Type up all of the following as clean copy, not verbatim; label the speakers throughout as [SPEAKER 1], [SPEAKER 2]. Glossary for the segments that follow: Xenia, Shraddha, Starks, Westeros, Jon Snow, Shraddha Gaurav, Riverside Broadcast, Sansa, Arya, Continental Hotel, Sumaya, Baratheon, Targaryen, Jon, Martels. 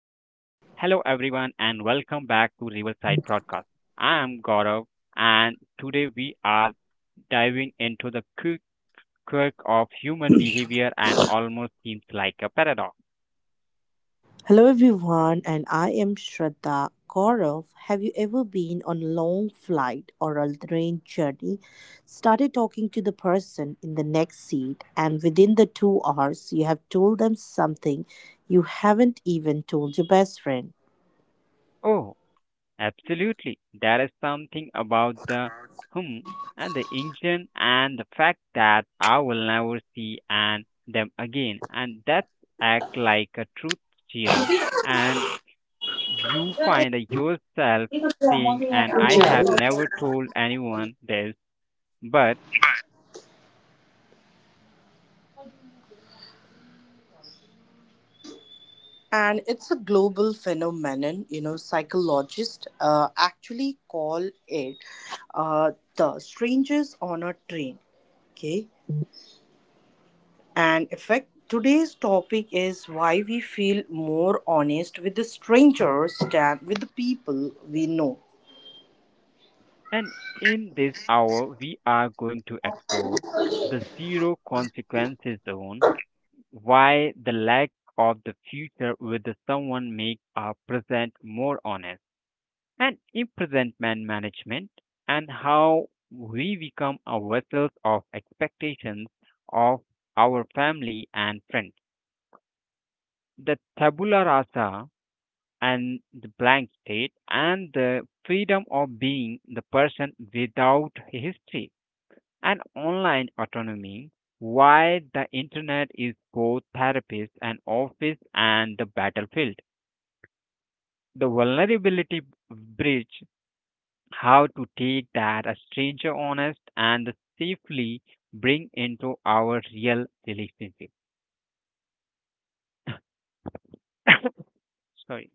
[SPEAKER 1] everyone, and welcome back to Riverside Broadcast. I am Gaurav, and today we are diving into the quick quirk of human behavior and almost seems like a paradox.
[SPEAKER 2] Hello everyone, and I am Shraddha Gaurav. Have you ever been on a long flight or a train journey, started talking to the person in the next seat, and within the 2 hours you have told them something you haven't even told your best friend?
[SPEAKER 1] Oh, absolutely. There is something about the hum and the engine and the fact that I will never see and them again. And that act like a truth serum. And you find yourself saying, and I have never told anyone this, but
[SPEAKER 2] And it's a global phenomenon, you know, psychologists actually call it uh, the strangers on a train. Okay. And effect. Today's topic is why we feel more honest with the strangers than with the people we know.
[SPEAKER 1] and in this hour we are going to explore the zero consequences zone. Why the lack of the future with the someone make our present more honest, and imprisonment management, and how we become a vessels of expectations of our family and friends. The tabula rasa and the blank state and the freedom of being the person without history and online autonomy, why the internet is both therapist and office and the battlefield. The vulnerability bridge, how to take that a stranger honest and safely bring into our real relationship. Sorry.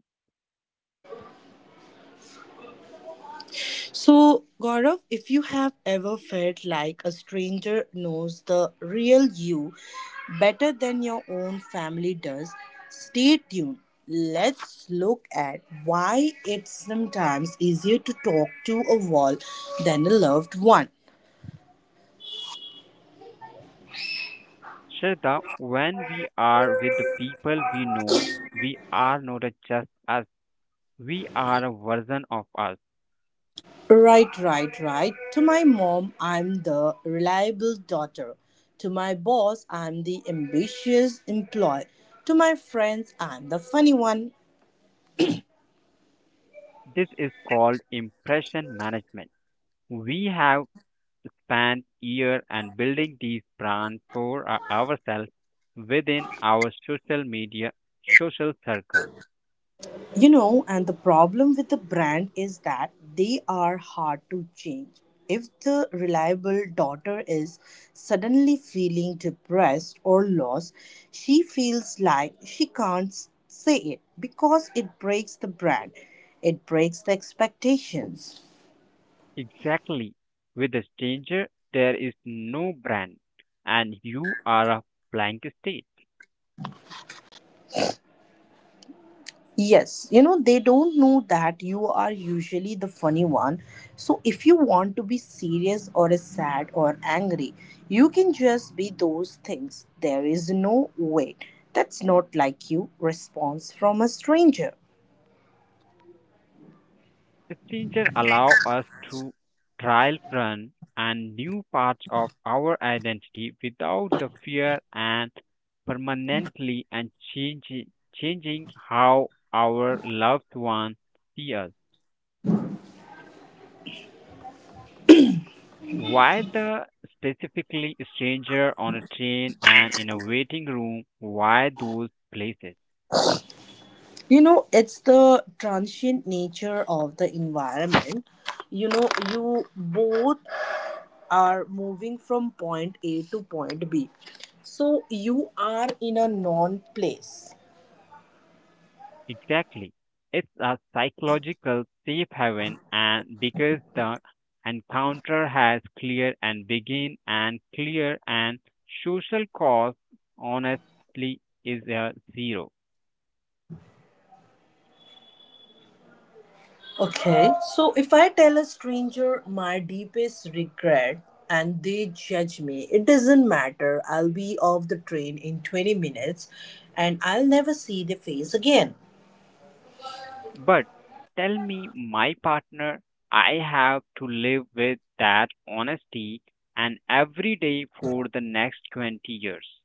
[SPEAKER 2] So, Gaurav, if you have ever felt like a stranger knows the real you better than your own family does, stay tuned. Let's look at why it's sometimes easier to talk to a wall than a loved one.
[SPEAKER 1] Shraddha, when we are with the people we know, we are not a just us, we are a version of us.
[SPEAKER 2] Right, right, right. To my mom, I'm the reliable daughter. To my boss, I'm the ambitious employee. To my friends, I'm the funny one.
[SPEAKER 1] This is called impression management. We have span year and building these brands for ourselves within our social media social circles.
[SPEAKER 2] You know, and the problem with the brand is that they are hard to change. If the reliable daughter is suddenly feeling depressed or lost, she feels like she can't say it because it breaks the brand, it breaks the expectations.
[SPEAKER 1] Exactly. With a stranger, there is no brand, and you are a blank state.
[SPEAKER 2] Yes, you know, they don't know that you are usually the funny one. So, if you want to be serious or sad or angry, you can just be those things. There is no way. That's not like you. Response from a stranger.
[SPEAKER 1] Stranger allow us to trial run and new parts of our identity without the fear and permanently and changing how our loved ones see us. Why the specifically stranger on a train and in a waiting room? Why those places?
[SPEAKER 2] You know, it's the transient nature of the environment. You know, you both are moving from point A to point B. So, you are in a non place.
[SPEAKER 1] Exactly. It's a psychological safe haven and because the encounter has clear and begin and clear and social cost honestly is a zero.
[SPEAKER 2] Okay, so if I tell a stranger my deepest regret and they judge me, it doesn't matter. I'll be off the train in 20 minutes and I'll never see their face again.
[SPEAKER 1] But tell me, my partner, I have to live with that honesty and every day for the next 20 years.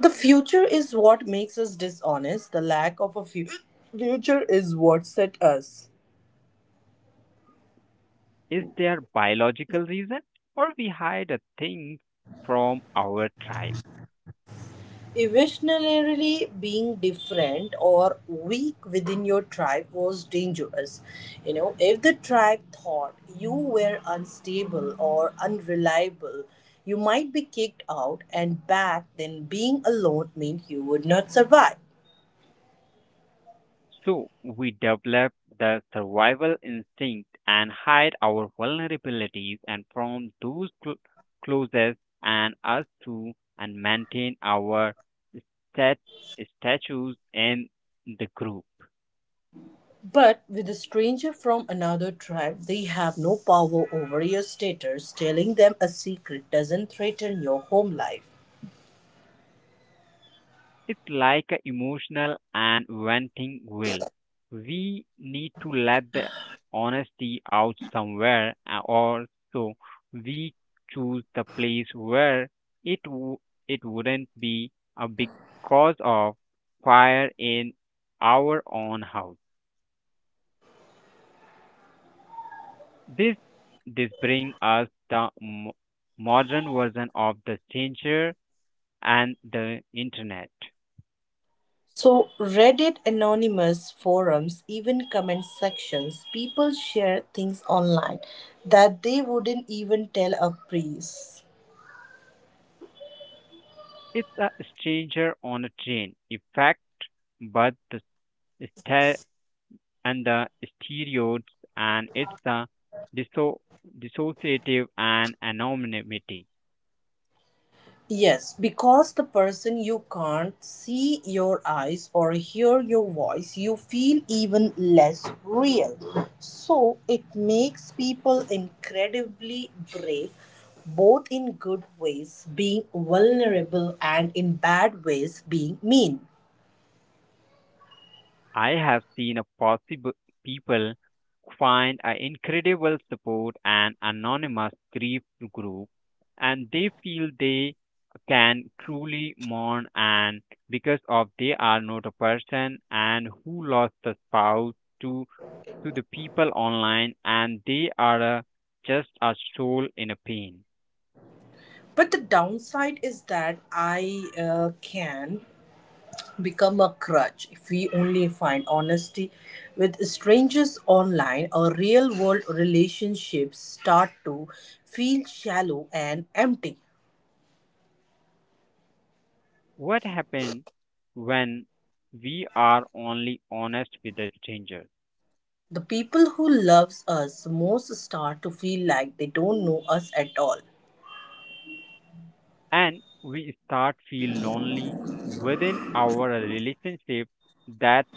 [SPEAKER 2] The future is what makes us dishonest. The lack of a future is what set us.
[SPEAKER 1] Is there biological reason or we hide a thing from our tribe?
[SPEAKER 2] Evolutionarily, being different or weak within your tribe was dangerous. You know, if the tribe thought you were unstable or unreliable, you might be kicked out, and back then, being alone meant you would not survive.
[SPEAKER 1] So we develop the survival instinct and hide our vulnerabilities and from those closest and us to and maintain our stat- status in the group.
[SPEAKER 2] But with a stranger from another tribe, they have no power over your status. Telling them a secret doesn't threaten your home life.
[SPEAKER 1] It's like a emotional and venting will. We need to let the honesty out somewhere, or so we choose the place where it w- it wouldn't be a big cause of fire in our own house. This this brings us the modern version of the stranger and the internet.
[SPEAKER 2] So Reddit anonymous forums, even comment sections, people share things online that they wouldn't even tell a priest.
[SPEAKER 1] It's a stranger on a train effect, but the sta- and the stereotypes, and it's a disso- dissociative and anonymity.
[SPEAKER 2] Yes, because the person you can't see your eyes or hear your voice, you feel even less real. So it makes people incredibly brave, both in good ways, being vulnerable, and in bad ways, being mean.
[SPEAKER 1] I have seen a possible people find an incredible support and anonymous grief group, and they feel they can truly mourn and because of they are not a person and who lost a spouse to to the people online, and they are just a soul in a pain.
[SPEAKER 2] But the downside is that I can become a crutch if we only find honesty with strangers online. Our real world relationships start to feel shallow and empty.
[SPEAKER 1] What happens when we are only honest with a stranger
[SPEAKER 2] The people who loves us most start to feel like they don't know us at all.
[SPEAKER 1] and we start feel lonely within our relationship, that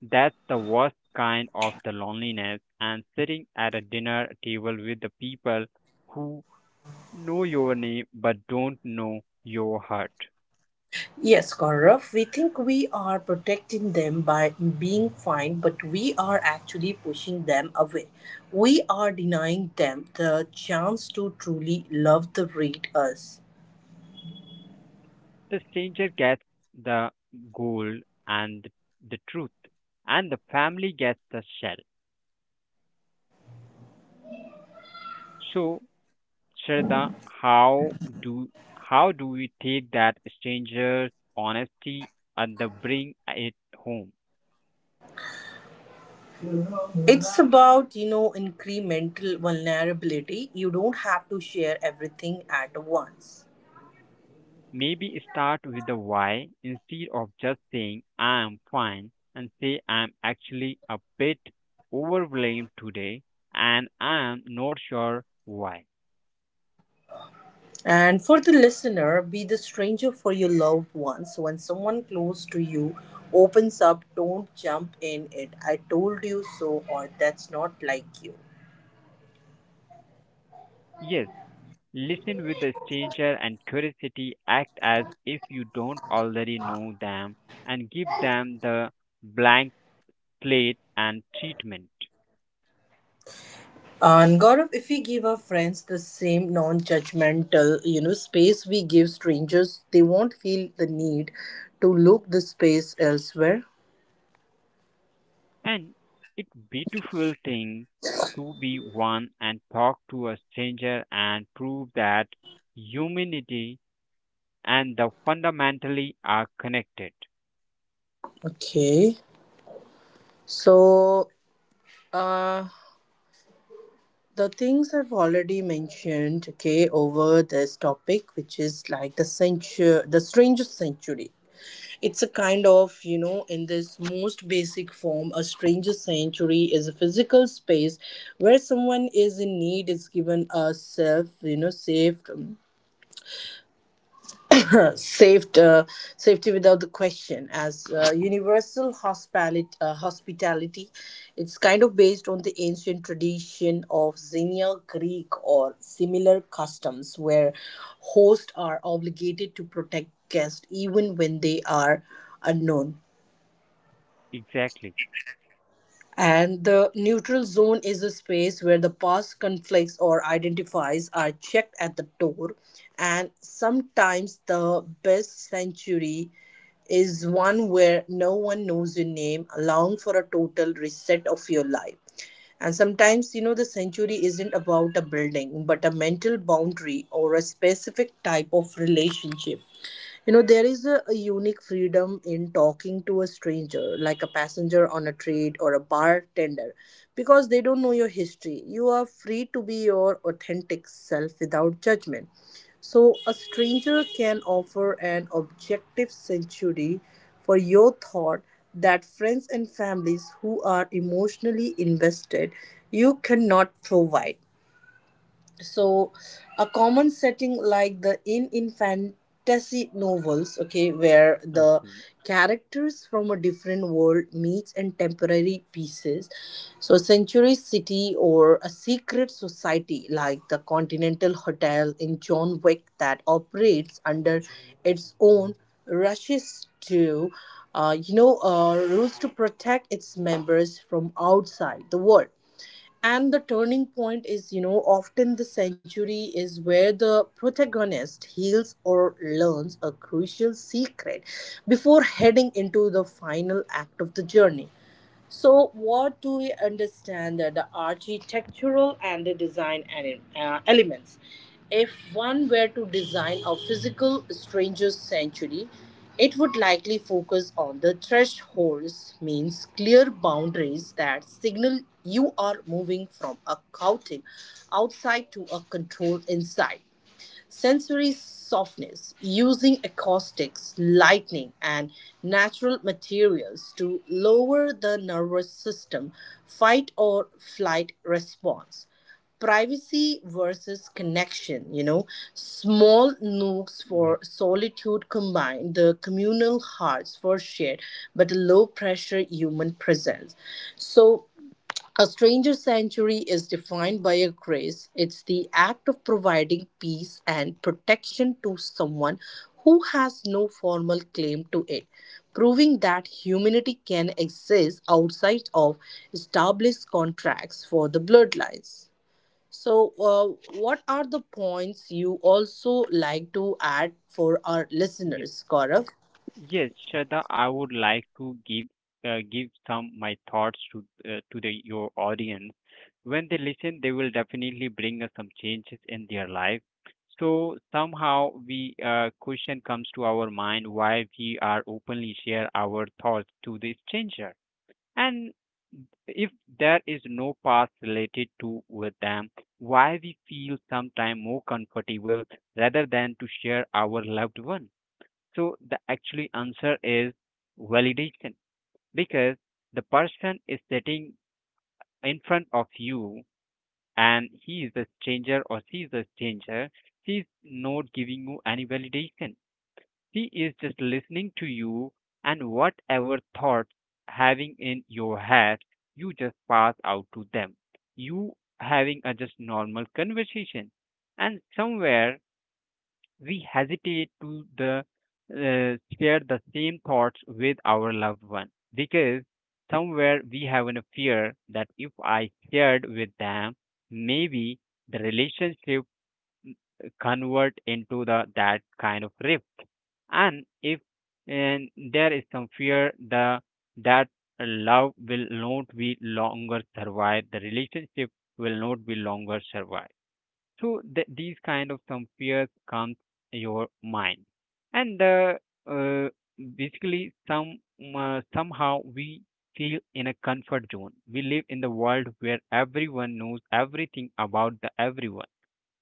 [SPEAKER 1] that's the worst kind of the loneliness and sitting at a dinner table with the people who know your name but don't know your heart.
[SPEAKER 2] Yes, Gaurav, we think we are protecting them by being fine, but we are actually pushing them away. We are denying them the chance to truly love the read us.
[SPEAKER 1] The stranger gets the gold and the truth, and the family gets the shell. So, Shraddha, how do how do we take that stranger's honesty and the bring it home?
[SPEAKER 2] It's about, you know, incremental vulnerability. You don't have to share everything at once.
[SPEAKER 1] Maybe start with the why instead of just saying I am fine and say I'm actually a bit overwhelmed today and I am not sure why.
[SPEAKER 2] And for the listener, be the stranger for your loved ones. When someone close to you opens up, don't jump in it. I told you so, or that's not like you.
[SPEAKER 1] Yes, listen with a stranger and curiosity, act as if you don't already know them, and give them the blank plate and treatment.
[SPEAKER 2] And Gaurav, if we give our friends the same non-judgmental, you know, space we give strangers, they won't feel the need to look the space elsewhere.
[SPEAKER 1] And it's beautiful thing to be one and talk to a stranger and prove that humanity and the fundamentally are connected.
[SPEAKER 2] Okay. So, uh, the things I've already mentioned, okay, over this topic, which is like the century, the strangest century. It's a kind of, you know, in this most basic form, a stranger sanctuary is a physical space where someone is in need is given a safe, you know, safe, saved safety without the question. As universal hospitality, hospitality, it's kind of based on the ancient tradition of Xenia Greek or similar customs, where hosts are obligated to protect guests even when they are unknown.
[SPEAKER 1] Exactly.
[SPEAKER 2] And the neutral zone is a space where the past conflicts or identifies are checked at the door. And sometimes the best sanctuary is one where no one knows your name, allowing for a total reset of your life. And sometimes, you know, the sanctuary isn't about a building, but a mental boundary or a specific type of relationship. You know, there is a unique freedom in talking to a stranger, like a passenger on a train or a bartender, because they don't know your history. You are free to be your authentic self without judgment. So, a stranger can offer an objective sanctuary for your thought that friends and families who are emotionally invested you cannot provide. So a common setting like the in fantasy novels, okay, where the
[SPEAKER 1] Okay.
[SPEAKER 2] characters from a different world meets in temporary pieces. So a century city or a secret society like the Continental Hotel in John Wick that operates under its own rushes to you know rules to protect its members from outside the world. And the turning point is, you know, often the century is where the protagonist heals or learns a crucial secret before heading into the final act of the journey. So, what do we understand that the architectural and the design elements? If one were to design a physical stranger's sanctuary, it would likely focus on the thresholds, means clear boundaries that signal you are moving from a chaotic outside to a controlled inside, sensory softness using acoustics, lighting, and natural materials to lower the nervous system fight or flight response. Privacy versus connection, you know, small nooks for
[SPEAKER 1] Yep.
[SPEAKER 2] solitude combine the communal hearts for shared but low pressure human presence. So, a stranger sanctuary is defined by a grace. It's the act of providing peace and protection to someone who has no formal claim to it, proving that humanity can exist outside of established contracts for the bloodlines. So, what are the points you also like to add for our
[SPEAKER 1] Yeah.
[SPEAKER 2] listeners, Gaurav?
[SPEAKER 1] Yes, Shraddha, I would like to give some my thoughts to the your audience. When they listen, they will definitely bring us some changes in their life. So somehow we question comes to our mind why we are openly share our thoughts to the stranger, and if there is no past related to with them, why we feel sometime more comfortable rather than to share our loved one. So the actually answer is validation because the person is sitting in front of you and he is a stranger or she is a stranger. She is not giving you any validation. She is just listening to you, and whatever thoughts having in your head, you just pass out to them. You having a just normal conversation, and somewhere we hesitate to the share the same thoughts with our loved one, because somewhere we have a fear that if I shared with them, maybe the relationship convert into the that kind of rift, and if and there is some fear the that love will not be longer survive, the relationship will not be longer survive. So these kind of some fears comes your mind, and uh, basically somehow we feel in a comfort zone. We live in the world where everyone knows everything about the everyone,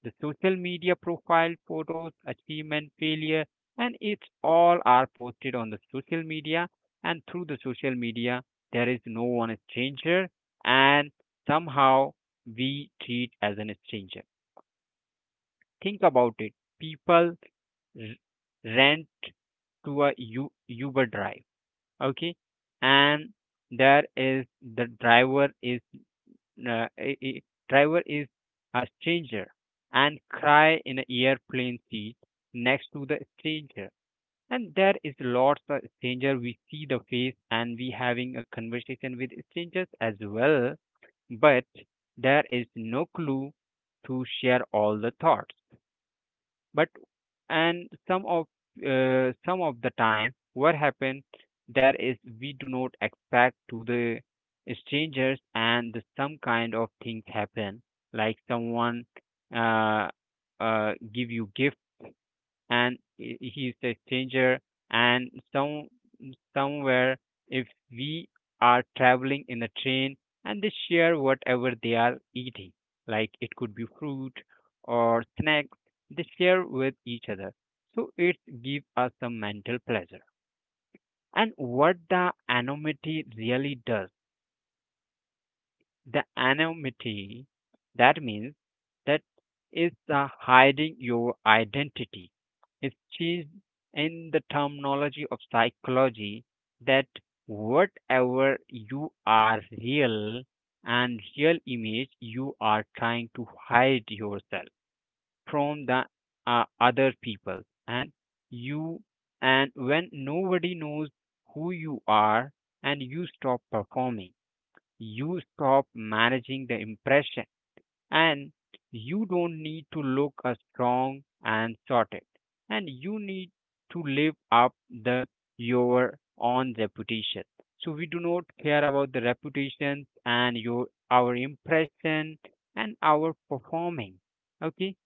[SPEAKER 1] the social media, profile photos, achievement, failure, and it's all are posted on the social media, and through the social media there is no one stranger, and somehow we treat as an stranger. Think about it. People rent to a Uber drive, okay, and there is the driver is uh, i- i- driver is a stranger, and cry in an airplane seat next to the stranger. And there is lots of stranger. We see the face and we having a conversation with strangers as well, but there is no clue to share all the thoughts, but and some of the time what happen there is we do not expect to the strangers, and the some kind of things happen, like someone uh, give you gift, and he's a stranger, and somewhere if we are traveling in a train and they share whatever they are eating, like it could be fruit or snacks, they share with each other, so it gives us some mental pleasure. And what the anonymity really does, the anonymity, that means that is hiding your identity. It's changed in the terminology of psychology, that whatever you are real and real image you are trying to hide yourself from the other people, and you and when nobody knows who you are and you stop performing, you stop managing the impression, and you don't need to look a strong and sorted, and you need to live up the your own reputation, so we do not care about the reputations and your our impression and our performing, okay,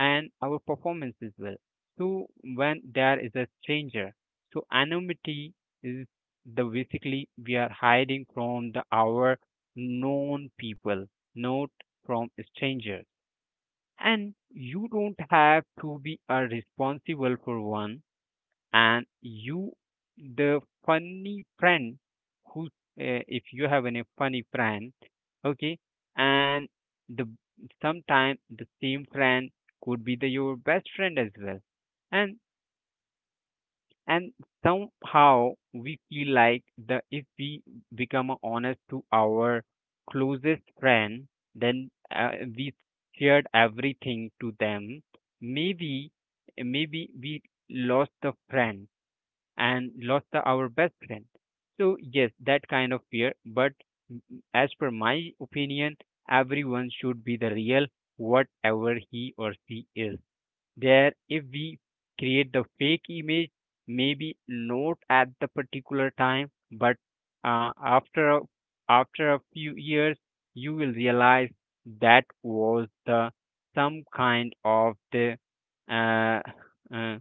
[SPEAKER 1] and our performance as well. So when there is a stranger, so anonymity is the basically we are hiding from the our known people, not from strangers. And you don't have to be a responsible for one. And you, the funny friend, who, if you have any funny friend, okay, and the sometimes the same friend could be the your best friend as well. And and somehow we feel like the if we become honest to our closest friend, then we shared everything to them, maybe maybe we lost the friend and lost the, our best friend, so yes that kind of fear, but as per my opinion everyone should be the real whatever he or she is there. If we create the fake image, maybe not at the particular time, but uh, after a, after a few years, you will realize that was the some kind of the uh, uh,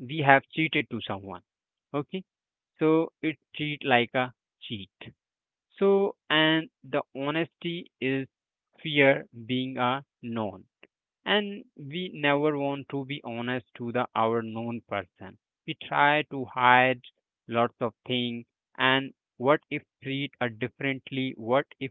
[SPEAKER 1] we have cheated to someone. Okay, so it treat like a cheat. So and the honesty is fear being a known, and we never want to be honest to the our known person. We try to hide lots of things, and what if treat a differently, what if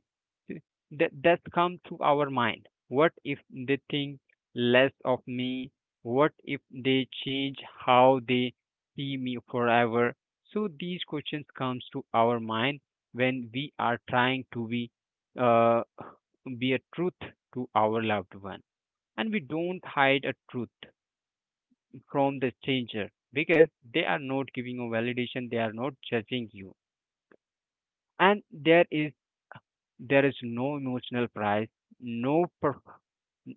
[SPEAKER 1] that's come to our mind, what if they think less of me, what if they change how they see me forever? So these questions comes to our mind when we are trying to uh, be a truth to our loved one. And we don't hide a truth from the stranger because they are not giving a validation, they are not judging you. And there is there is no emotional price, no perf-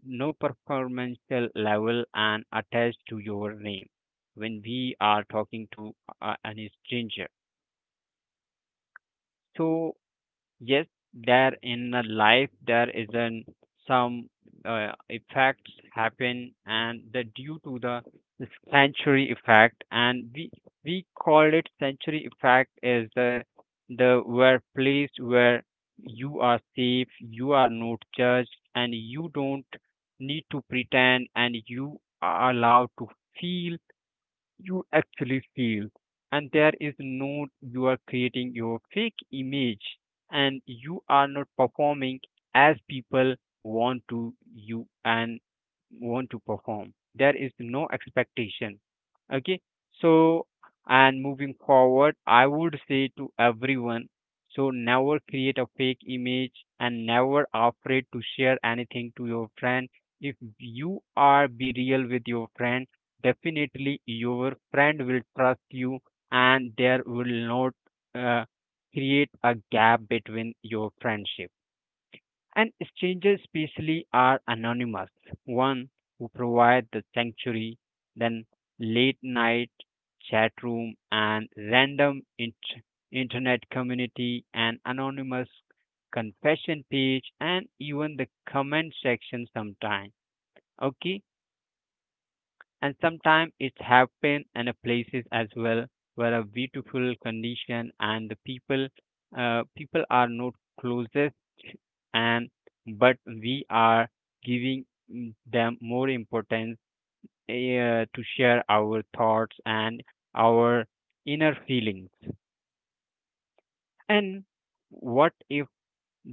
[SPEAKER 1] no performance level and attached to your name when we are talking to any stranger. So yes, there in a life there isn't some effects happen and the due to the century effect, and we call it century effect is the where place where you are safe, you are not judged, and you don't need to pretend, and you are allowed to feel, you actually feel. And there is no, you are creating your fake image, and you are not performing as people want to you and want to perform. There is no expectation. Okay, so and moving forward, I would say to everyone, so never create a fake image and never afraid to share anything to your friend. If you are be real with your friend, definitely your friend will trust you, and there will not uh, create a gap between your friendship. And strangers especially are anonymous one, who provide the sanctuary. Then late night chat room and internet community and anonymous confession page and even the comment section sometime. Okay, and sometimes it happen in a places as well, where a beautiful condition and the people people are not closest, and but we are giving them more importance to share our thoughts and our inner feelings. And what,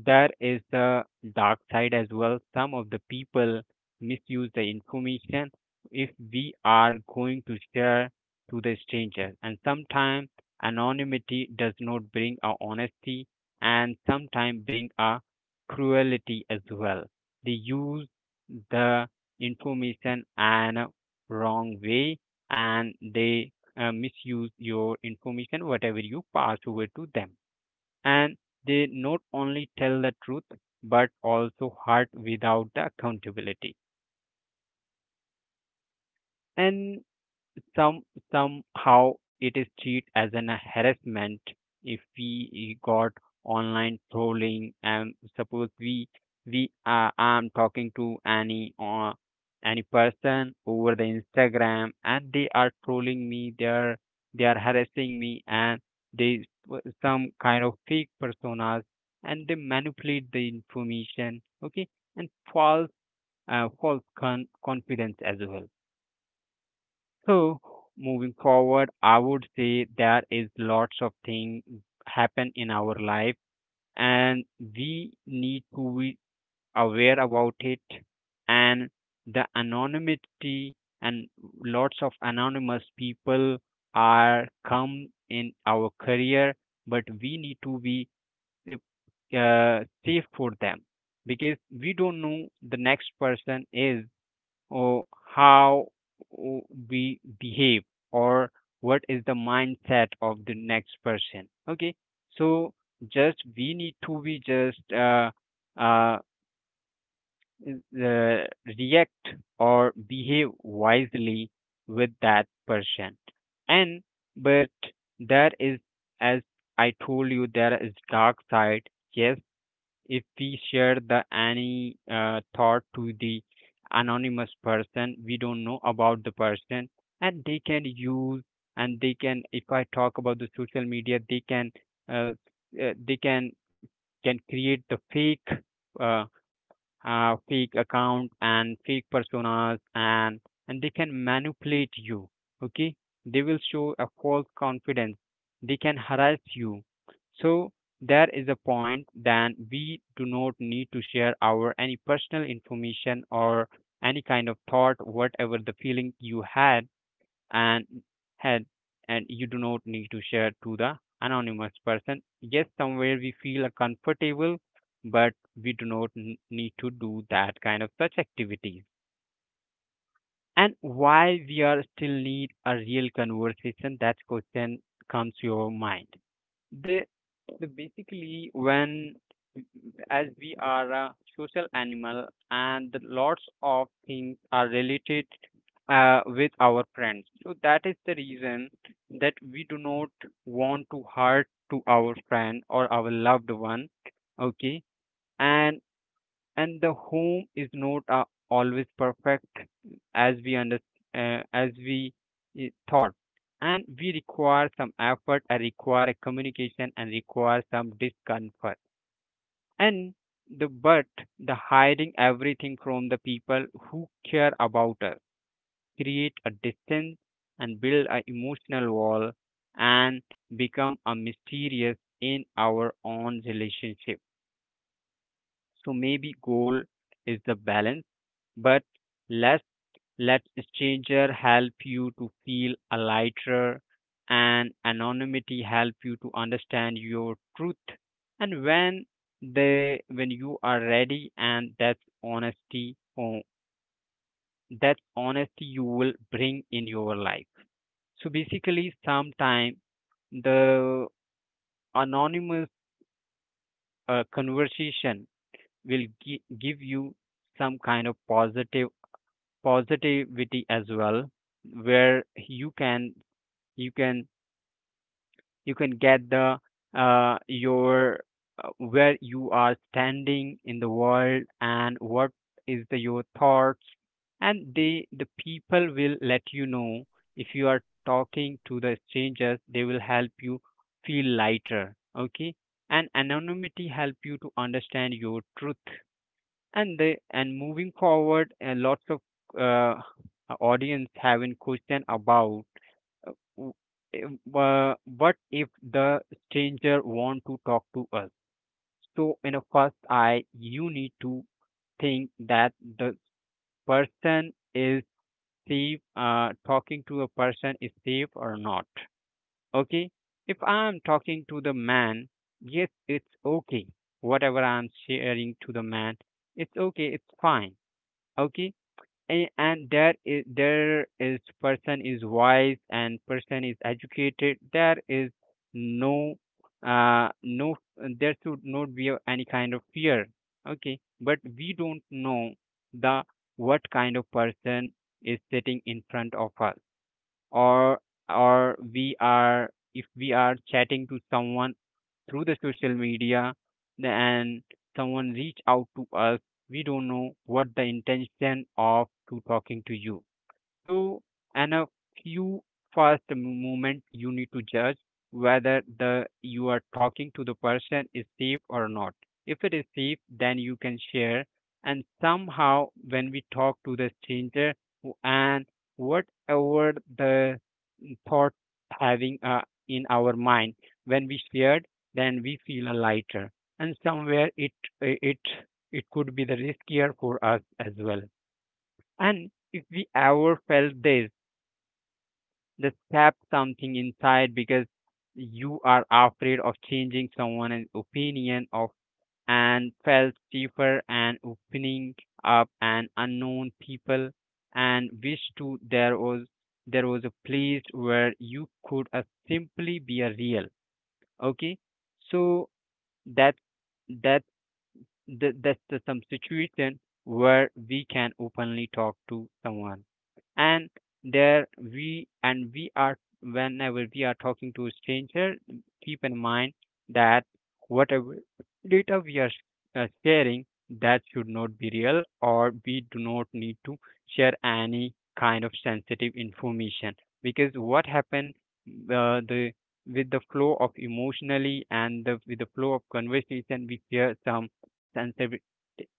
[SPEAKER 1] there is the dark side as well. Some of the people misuse the information if we are going to share to the stranger. And sometimes anonymity does not bring a honesty, and sometimes bring a cruelty as well. They use the information and a wrong way, and they misuse your information whatever you pass over to them. And they not only tell the truth but also hurt without the accountability. And Some somehow it is treated as an harassment if we got online trolling, and suppose we are I'm talking to any or any person over the Instagram, and they are trolling me, they are harassing me, and they some kind of fake personas, and they manipulate the information, okay, and false confidence as well. So moving forward, I would say there is lots of things happen in our life, and we need to be aware about it. And the anonymity and lots of anonymous people are come in our career, but we need to be eh, safe for them, because we don't know the next person is, oh, how w- we behave or what is the mindset of the next person. Okay, so just we need to be just uh, uh, react or behave wisely with that person. And but there is, as I told you, there is dark side. Yes, if we share the any thought to the anonymous person, we don't know about the person, and they can use, and they can, if I talk about the social media, uh, they can create the fake uh, fake account and fake personas, and they can manipulate you. Okay, they will show a false confidence, they can harass you. So there is a point, then we do not need to share our any personal information or any kind of thought whatever the feeling you and had. And you do not need to share to the anonymous person. Yes, somewhere we feel comfortable, but we do not need to do that kind of such activities. And why we are still need a real conversation, that question comes to your mind. The, the basically when, as we are a social animal and lots of things are related with our friends. So that is the reason that we do not want to hurt to our friend or our loved one. Okay, and and the home is not always perfect as we under as we thought. And we require some effort, and require a communication, and require some discomfort. And the but the hiding everything from the people who care about us create a distance and build an emotional wall and become a mysterious in our own relationship. So maybe goal is the balance. But less let stranger help you to feel a lighter, and anonymity help you to understand your truth. And when they when you are ready, and that's honesty, that's honesty you will bring in your life. So basically sometime the anonymous conversation will give you some kind of positive positivity as well, where you can you can get the your where you are standing in the world, and what is the your thoughts, and they the people will let you know. If you are talking to the strangers, they will help you feel lighter. Okay, and anonymity help you to understand your truth. And the and moving forward, lots of uh, audience having question about, uh, w- what if the stranger want to talk to us? So in a first eye, you need to think that the person is safe, talking to a person is safe or not. Okay. If I'm talking to the man, yes, it's okay. Whatever I'm sharing to the man, it's okay. It's fine. Okay, and there is person is wise and person is educated. There is no no, there should not be any kind of fear. Okay, but we don't know the what kind of person is sitting in front of us, or or we are, if we are chatting to someone through the social media, and someone reach out to us, we don't know what the intention of to talking to you. So and a few first moment, you need to judge whether the you are talking to the person is safe or not. If it is safe, then you can share. And somehow when we talk to the stranger, and whatever the thought having in our mind, when we shared, then we feel lighter. And somewhere it it could be the riskier for us as well. And if we ever felt this, just tap something inside, because you are afraid of changing someone's opinion of, and felt safer and opening up and unknown people, and wished to there was a place where you could simply be a real. Okay, so that that that's the some situation where we can openly talk to someone. And there we and we are, whenever we are talking to a stranger, keep in mind that whatever data we are sharing, that should not be real, or we do not need to share any kind of sensitive information. Because what happened, the with the flow of emotionally, and with the flow of conversation we share some sensitive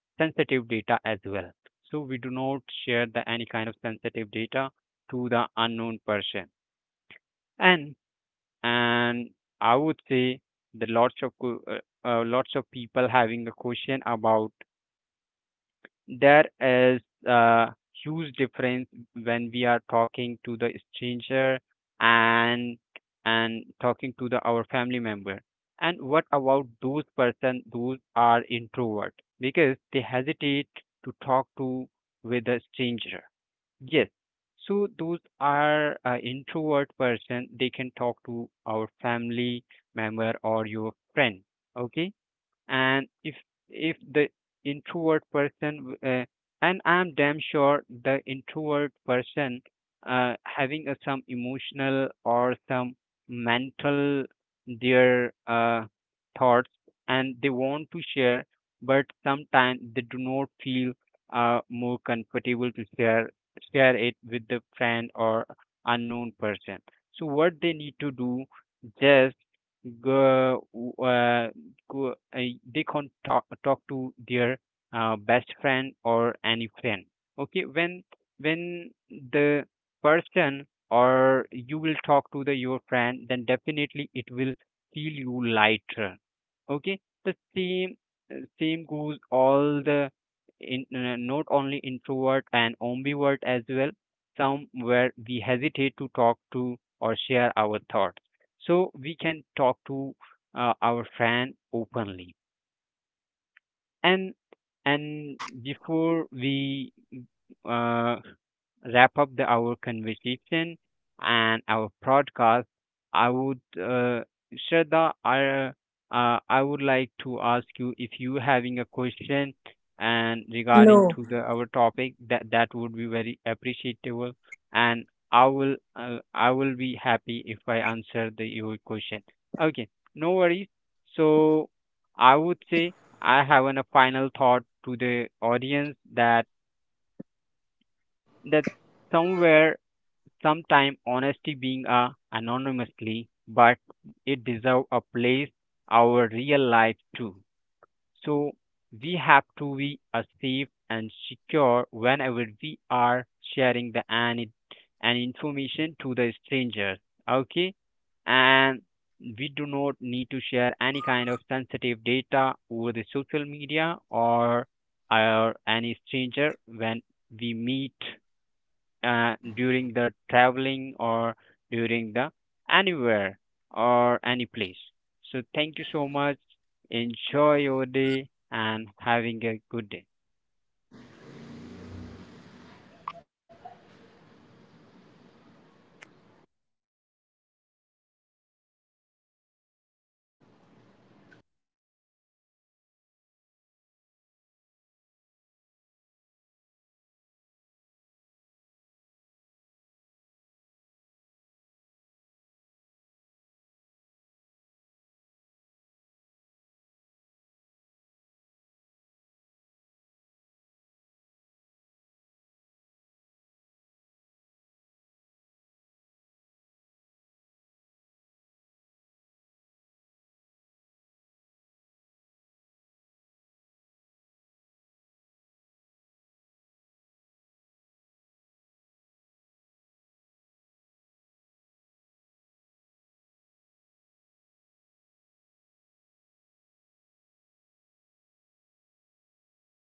[SPEAKER 1] sensitive data as well. So we do not share the any kind of sensitive data to the unknown person. and and I would say the lots of lots of people having a question about, there is a huge difference when we are talking to the stranger and and talking to the our family member. And what about those person those are introvert, because they hesitate to talk to with a stranger. Yes. So those are introvert person, they can talk to our family member or your friend. Okay, and if the introvert person, uh, and I'm damn sure the introvert person having a some emotional or some mental their thoughts, and they want to share, but sometimes they do not feel more comfortable to share it with the friend or unknown person. So what they need to do, just go, uh, go, uh, they can't talk to their best friend or any friend. Okay, when when the person, or you will talk to the your friend, then definitely it will feel you lighter. Okay, the same same goes all the in, not only introvert and ambivert as well. Some where we hesitate to talk to or share our thoughts, so we can talk to our fan openly. and and before we uh, wrap up the our conversation and our podcast, I would Shraddha, I would like to ask you if you having a question and regarding to the our topic, that that would be very appreciable. And I will be happy if I answer the your question. Okay, no worries. So I would say I have a final thought to the audience that that somewhere sometimes honesty being a anonymously, but it deserve a place our real life too. So we have to be a safe and secure whenever we are sharing the any and information to the strangers. Okay, and we do not need to share any kind of sensitive data over the social media or any stranger when we meet during the traveling or during the anywhere or any place. So thank you so much. Enjoy your day and having a good day.